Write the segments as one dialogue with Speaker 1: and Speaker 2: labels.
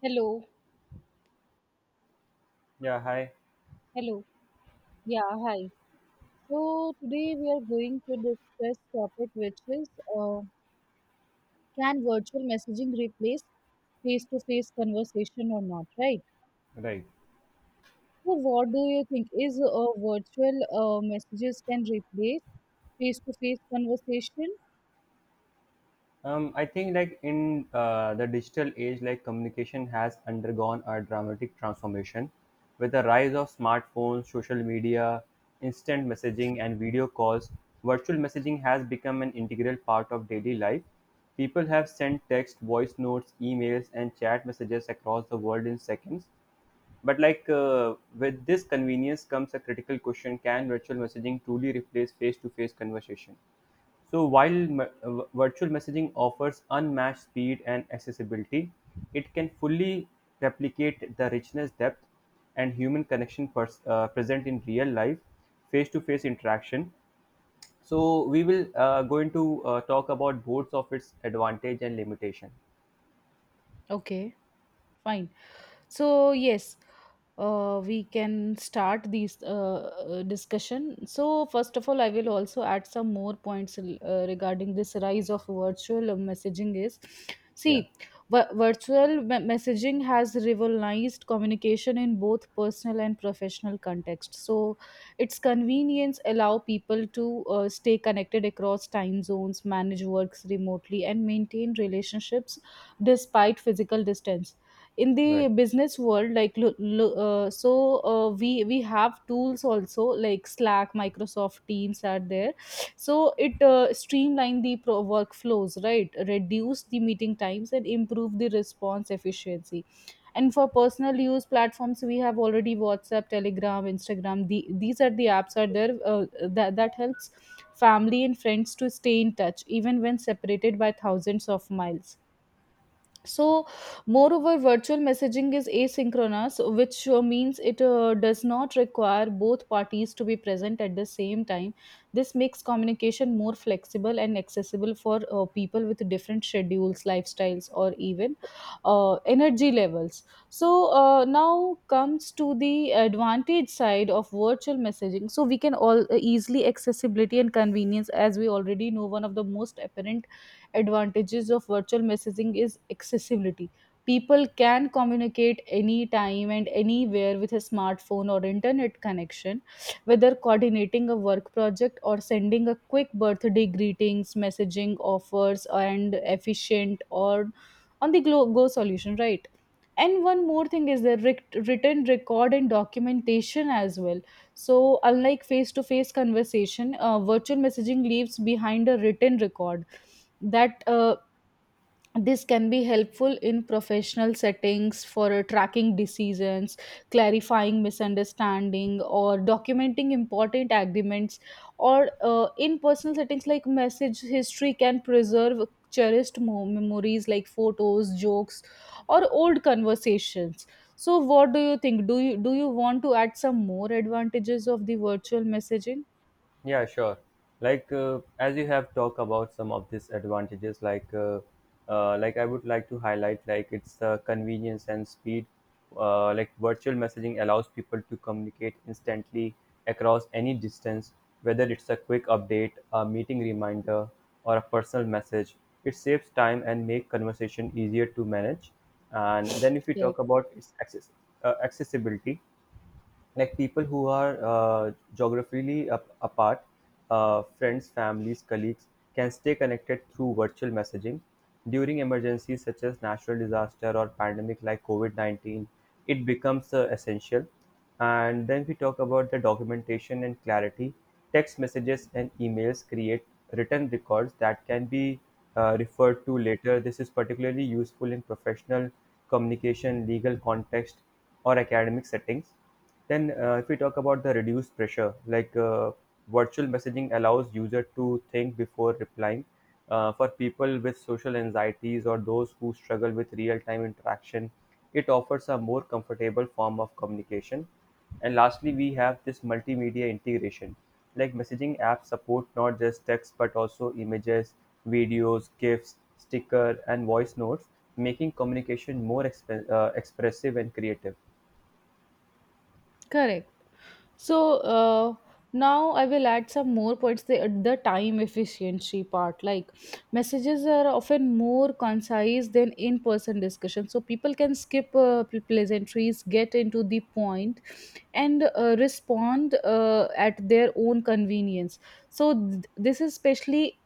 Speaker 1: Hello,
Speaker 2: Yeah, hi.
Speaker 1: hello. Yeah, hi. So today we are going to discuss topic which is uh, can virtual messaging replace face-to-face conversation or not, right?
Speaker 2: Right.
Speaker 1: So what do you think is virtual messages can replace face-to-face conversation?
Speaker 2: I think like in the digital age, like communication has undergone a dramatic transformation with the rise of smartphones, social media, instant messaging, and video calls. Virtual messaging has become an integral part of daily life. People have sent text, voice notes, emails, and chat messages across the world in seconds. But with this convenience comes a critical question: Can virtual messaging truly replace face-to-face conversation? So while virtual messaging offers unmatched speed and accessibility, it can fully replicate the richness, depth, and human connection present in real life, face-to-face interaction. So we will going to talk about both of its advantage and limitation.
Speaker 1: Okay, fine. So yes, we can start these discussion. So first of all, I will also add some more points regarding this. Rise of virtual messaging is, see,
Speaker 2: Yeah,
Speaker 1: messaging has revolutionized communication in both personal and professional context. So its convenience allow people to stay connected across time zones, manage works remotely, and maintain relationships despite physical distance. In
Speaker 2: right.
Speaker 1: the business world, like so we have tools also like Slack, Microsoft Teams are there. So it streamline the workflows, right, reduce the meeting times and improve the response efficiency. And for personal use platforms, we have already WhatsApp, Telegram, Instagram, these are the apps are there, that helps family and friends to stay in touch even when separated by thousands of miles. So moreover, virtual messaging is asynchronous, which means it does not require both parties to be present at the same time. This makes communication more flexible and accessible for people with different schedules, lifestyles, or even energy levels. So now comes to the advantage side of virtual messaging. So we can all easily accessibility and convenience. As we already know, one of the most apparent advantages of virtual messaging is accessibility. People can communicate anytime and anywhere with a smartphone or internet connection, whether coordinating a work project or sending a quick birthday greetings, messaging offers, and efficient or on the go solution, right? And one more thing is the written record and documentation as well. So, unlike face to face conversation, virtual messaging leaves behind a written record that, this can be helpful in professional settings for tracking decisions, clarifying misunderstanding, or documenting important agreements, or in personal settings, like message history can preserve cherished memories like photos, jokes, or old conversations. So what do you think? Do you do you want to add some more advantages of the virtual messaging?
Speaker 2: Yeah, sure. Like as you have talked about some of these advantages, like like I would like to highlight like it's the convenience and speed. Like virtual messaging allows people to communicate instantly across any distance, whether it's a quick update, a meeting reminder, or a personal message. It saves time and make conversation easier to manage. And then if we talk
Speaker 1: Correct.
Speaker 2: about its accessibility, like people who are geographically apart, friends, families, colleagues can stay connected through virtual messaging. During emergencies such as natural disaster or pandemic like COVID 19, it becomes essential. And then we talk about the documentation and clarity. Text messages and emails create written records that can be referred to later. This is particularly useful in professional communication, legal context, or academic settings then, if we talk about the reduced pressure, like virtual messaging allows user to think before replying. For people with social anxieties or those who struggle with real-time interaction, it offers a more comfortable form of communication. And lastly, we have this multimedia integration. Like messaging apps support not just text but also images, videos, GIFs, sticker, and voice notes, making communication more expressive and creative.
Speaker 1: Correct. So now I will add some more points. The time efficiency part, like messages are often more concise than in-person discussion. So people can skip pleasantries, get into the point, and respond at their own convenience. So this is especially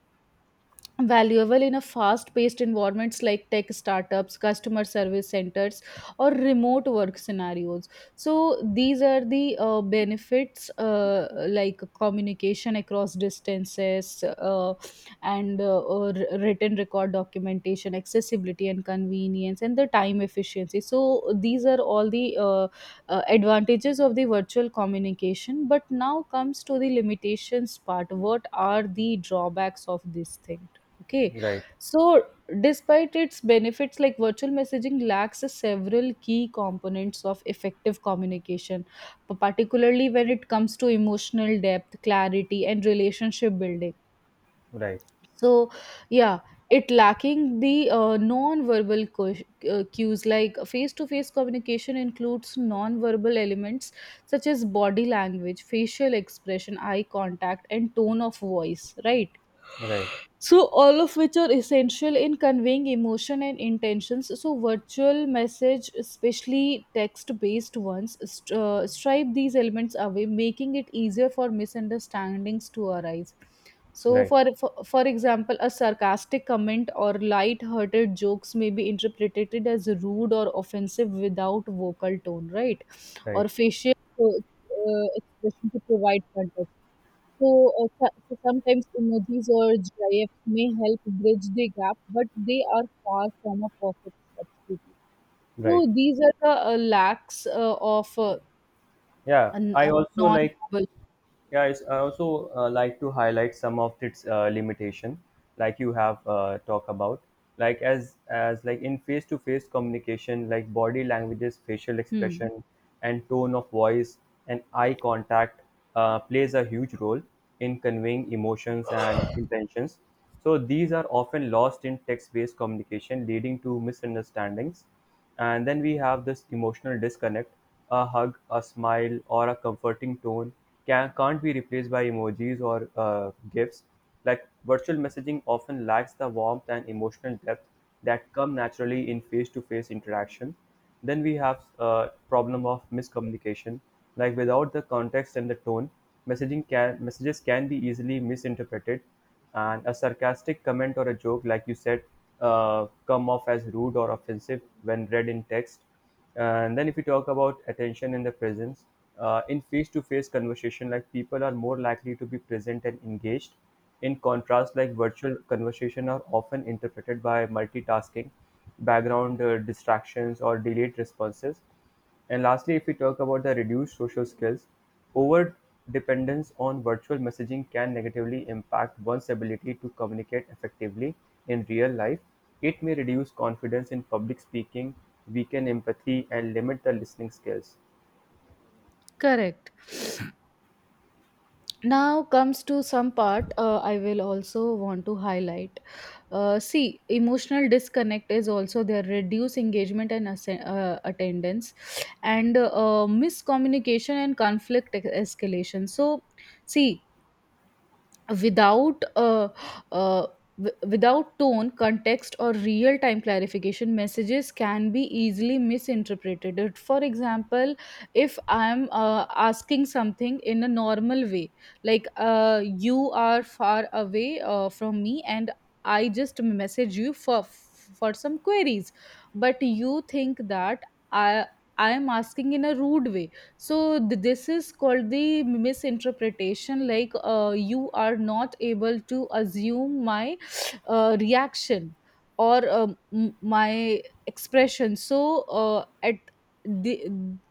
Speaker 1: valuable in a fast paced environments like tech startups, customer service centers, or remote work scenarios. So these are the benefits, like communication across distances, and or written record, documentation, accessibility and convenience, and the time efficiency. So these are all the advantages of the virtual communication. But now comes to the limitations part. What are the drawbacks of this thing? Okay.
Speaker 2: Right,
Speaker 1: So despite its benefits, like virtual messaging lacks several key components of effective communication, particularly when it comes to emotional depth, clarity, and relationship building.
Speaker 2: right.
Speaker 1: So, yeah, it lacking the cues. Like face-to-face communication includes non-verbal elements such as body language, facial expression, eye contact, and tone of voice, right?
Speaker 2: Right,
Speaker 1: So all of which are essential in conveying emotion and intentions. So virtual message, especially text-based ones, stripe these elements away, making it easier for misunderstandings to arise. So
Speaker 2: right,
Speaker 1: for example, a sarcastic comment or light-hearted jokes may be interpreted as rude or offensive without vocal tone, right?
Speaker 2: right,
Speaker 1: Or facial uh, uh, expression to provide context. So, so sometimes emojis or GIFs may help bridge the gap, but they are far from a perfect substitute.
Speaker 2: right.
Speaker 1: So these are the
Speaker 2: Yeah,
Speaker 1: an,
Speaker 2: I
Speaker 1: uh,
Speaker 2: also like.
Speaker 1: non-verbal.
Speaker 2: Yeah, it's, I also like to highlight some of its limitation, like you have talked about. Like as like in face to face communication, like body languages, facial
Speaker 1: Hmm.
Speaker 2: expression, and tone of voice and eye contact plays a huge role in conveying emotions and intentions. So these are often lost in text based communication, leading to misunderstandings. And then we have this emotional disconnect. A hug, a smile, or a comforting tone can't be replaced by emojis or gifs. Like virtual messaging often lacks the warmth and emotional depth that come naturally in face-to-face interaction. Then we have problem of miscommunication. Like without the context and the tone, messages can be easily misinterpreted, and a sarcastic comment or a joke, like you said, come off as rude or offensive when read in text. And then, if we talk about attention in the presence, in face-to-face conversation, like people are more likely to be present and engaged. In contrast, like virtual conversation are often interpreted by multitasking, background distractions, or delayed responses, and lastly, if we talk about the reduced social skills, overdependence on virtual messaging can negatively impact one's ability to communicate effectively in real life. It may reduce confidence in public speaking, weaken empathy, and limit the listening skills.
Speaker 1: Correct. Now comes to some part. I will also want to highlight. See, emotional disconnect is also there, reduce engagement and attendance, and miscommunication and conflict escalation. So, see, without uh, uh, without tone, context, or real time clarification, messages can be easily misinterpreted. It- for example, if I'm asking something in a normal way, like you are far away from me, and I just message you for some queries, but you think that i I am asking in a rude way. So this is called the misinterpretation. Like you are not able to assume my reaction or my expression. So the,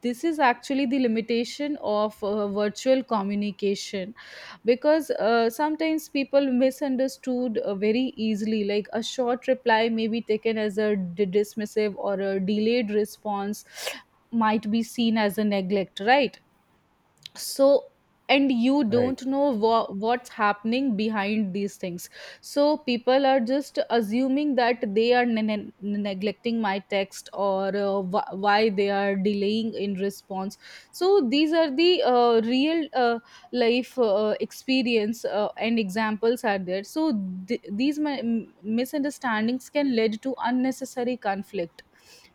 Speaker 1: this is actually the limitation of virtual communication, because sometimes people misunderstood very easily. Like a short reply may be taken as a dismissive, or a delayed response might be seen as a neglect, right? So, and you
Speaker 2: Right,
Speaker 1: don't know what's happening behind these things. So people are just assuming that they are neglecting my text, or why they are delaying in response. So these are the real life experience and examples are there. So misunderstandings can lead to unnecessary conflict,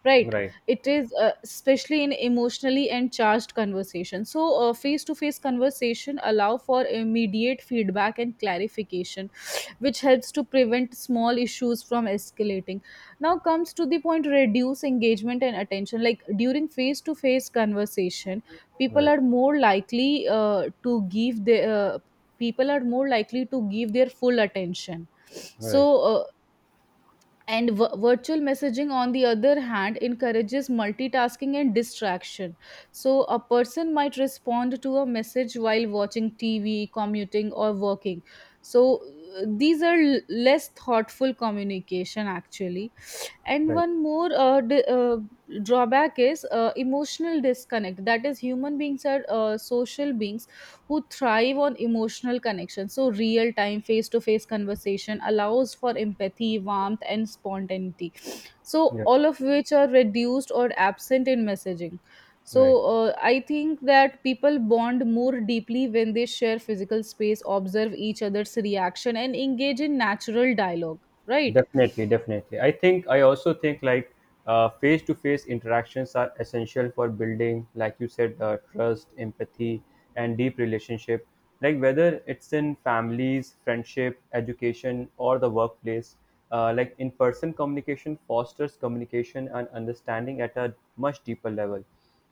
Speaker 1: right?
Speaker 2: right,
Speaker 1: It is especially in emotionally and charged conversation. So face to face conversation allow for immediate feedback and clarification, which helps to prevent small issues from escalating. Now comes to the point, reduce engagement and attention. Like during face to face conversation, people
Speaker 2: right,
Speaker 1: are more likely to give their people are more likely to give their full attention. So
Speaker 2: right,
Speaker 1: uh, and virtual messaging, on the other hand, encourages multitasking and distraction. So a person might respond to a message while watching TV, commuting, or working. So, these are less thoughtful communication, actually. And
Speaker 2: right.
Speaker 1: one more drawback is emotional disconnect. That is, human beings are social beings who thrive on emotional connection. So real time face to face conversation allows for empathy, warmth, and spontaneity, so
Speaker 2: Yeah,
Speaker 1: all of which are reduced or absent in messaging. So
Speaker 2: right.
Speaker 1: I think that people bond more deeply when they share physical space, observe each other's reaction, and engage in natural dialogue, right?
Speaker 2: Definitely, definitely. I think I also think like face-to-face interactions are essential for building, like you said, trust, empathy, and deep relationship. Like whether it's in families, friendship, education, or the workplace, like in-person communication fosters communication and understanding at a much deeper level.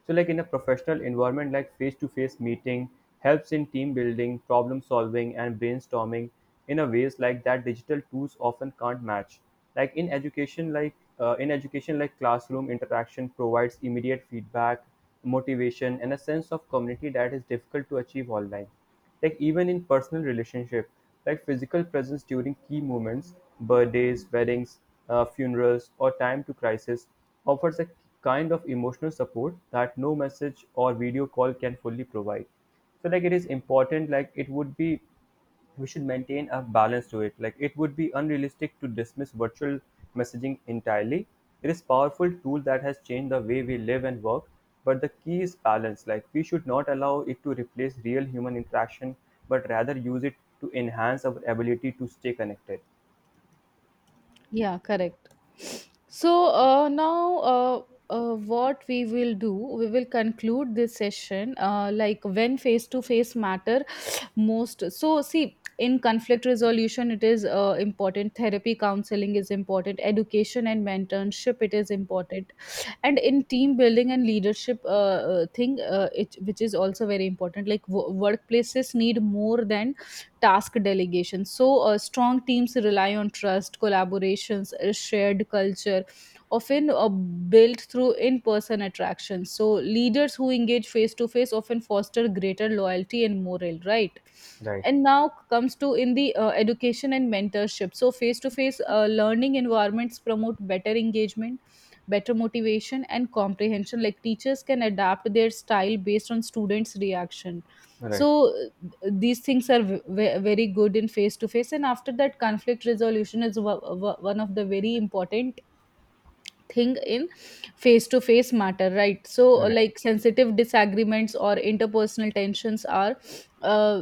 Speaker 2: So, like in a professional environment, like face to face meeting helps in team building, problem solving, and brainstorming in a ways like that digital tools often can't match. Like in education, in education, like classroom interaction provides immediate feedback, motivation, and a sense of community that is difficult to achieve online. Like even in personal relationship, like physical presence during key moments, birthdays, weddings, funerals, or time to crisis, offers a kind of emotional support that no message or video call can fully provide. So like it is important. Like it would be we should maintain a balance to it. Like it would be unrealistic to dismiss virtual messaging entirely. It is powerful tool that has changed the way we live and work, but the key is balance. Like we should not allow it to replace real human interaction, but rather use it to enhance our ability to stay connected.
Speaker 1: Yeah, correct. So what we will do, we will conclude this session. Like when face to face matter most. So see, in conflict resolution, it is important. Therapy counseling is important. Education and mentorship, it is important. And in team building and leadership thing, which is also very important. Like workplaces need more than task delegation. So strong teams rely on trust, collaborations, a shared culture, often built through in-person attractions. So leaders who engage face-to-face often foster greater loyalty and morale, right?
Speaker 2: Right.
Speaker 1: And now comes to in the education and mentorship. So face-to-face learning environments promote better engagement, better motivation, and comprehension. Like teachers can adapt their style based on students reaction.
Speaker 2: Right.
Speaker 1: So these things are very good in face to face. And after that, conflict resolution is one of the very important thing in face to face matter, right? So
Speaker 2: Right.
Speaker 1: like sensitive disagreements or interpersonal tensions are uh,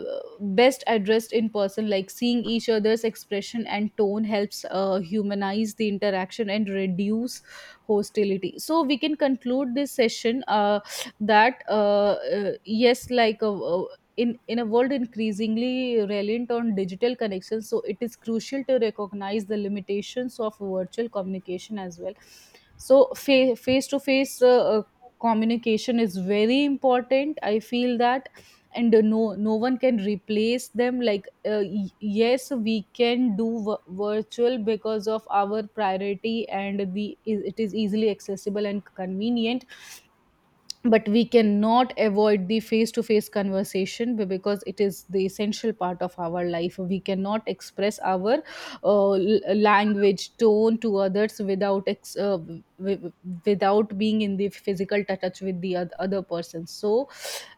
Speaker 1: best addressed in person. Like seeing each other's expression and tone helps humanize the interaction and reduce hostility. So we can conclude this session that yes, like in a world increasingly reliant on digital connections, so it is crucial to recognize the limitations of virtual communication as well. So face to face communication is very important, I feel that. And no, no one can replace them. Like yes, we can do virtual because of our priority and we, it is easily accessible and convenient, but we cannot avoid the face to face conversation, because it is the essential part of our life. We cannot express our language tone to others without w- without being in the physical touch with the other person. So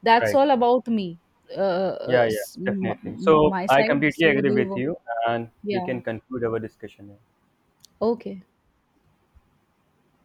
Speaker 1: that's
Speaker 2: Right.
Speaker 1: all about me,
Speaker 2: Yeah, yeah, definitely. So
Speaker 1: my
Speaker 2: I
Speaker 1: side.
Speaker 2: completely
Speaker 1: So
Speaker 2: agree
Speaker 1: do you
Speaker 2: with
Speaker 1: wa-?
Speaker 2: you and we
Speaker 1: Yeah,
Speaker 2: can conclude our discussion here.
Speaker 1: okay.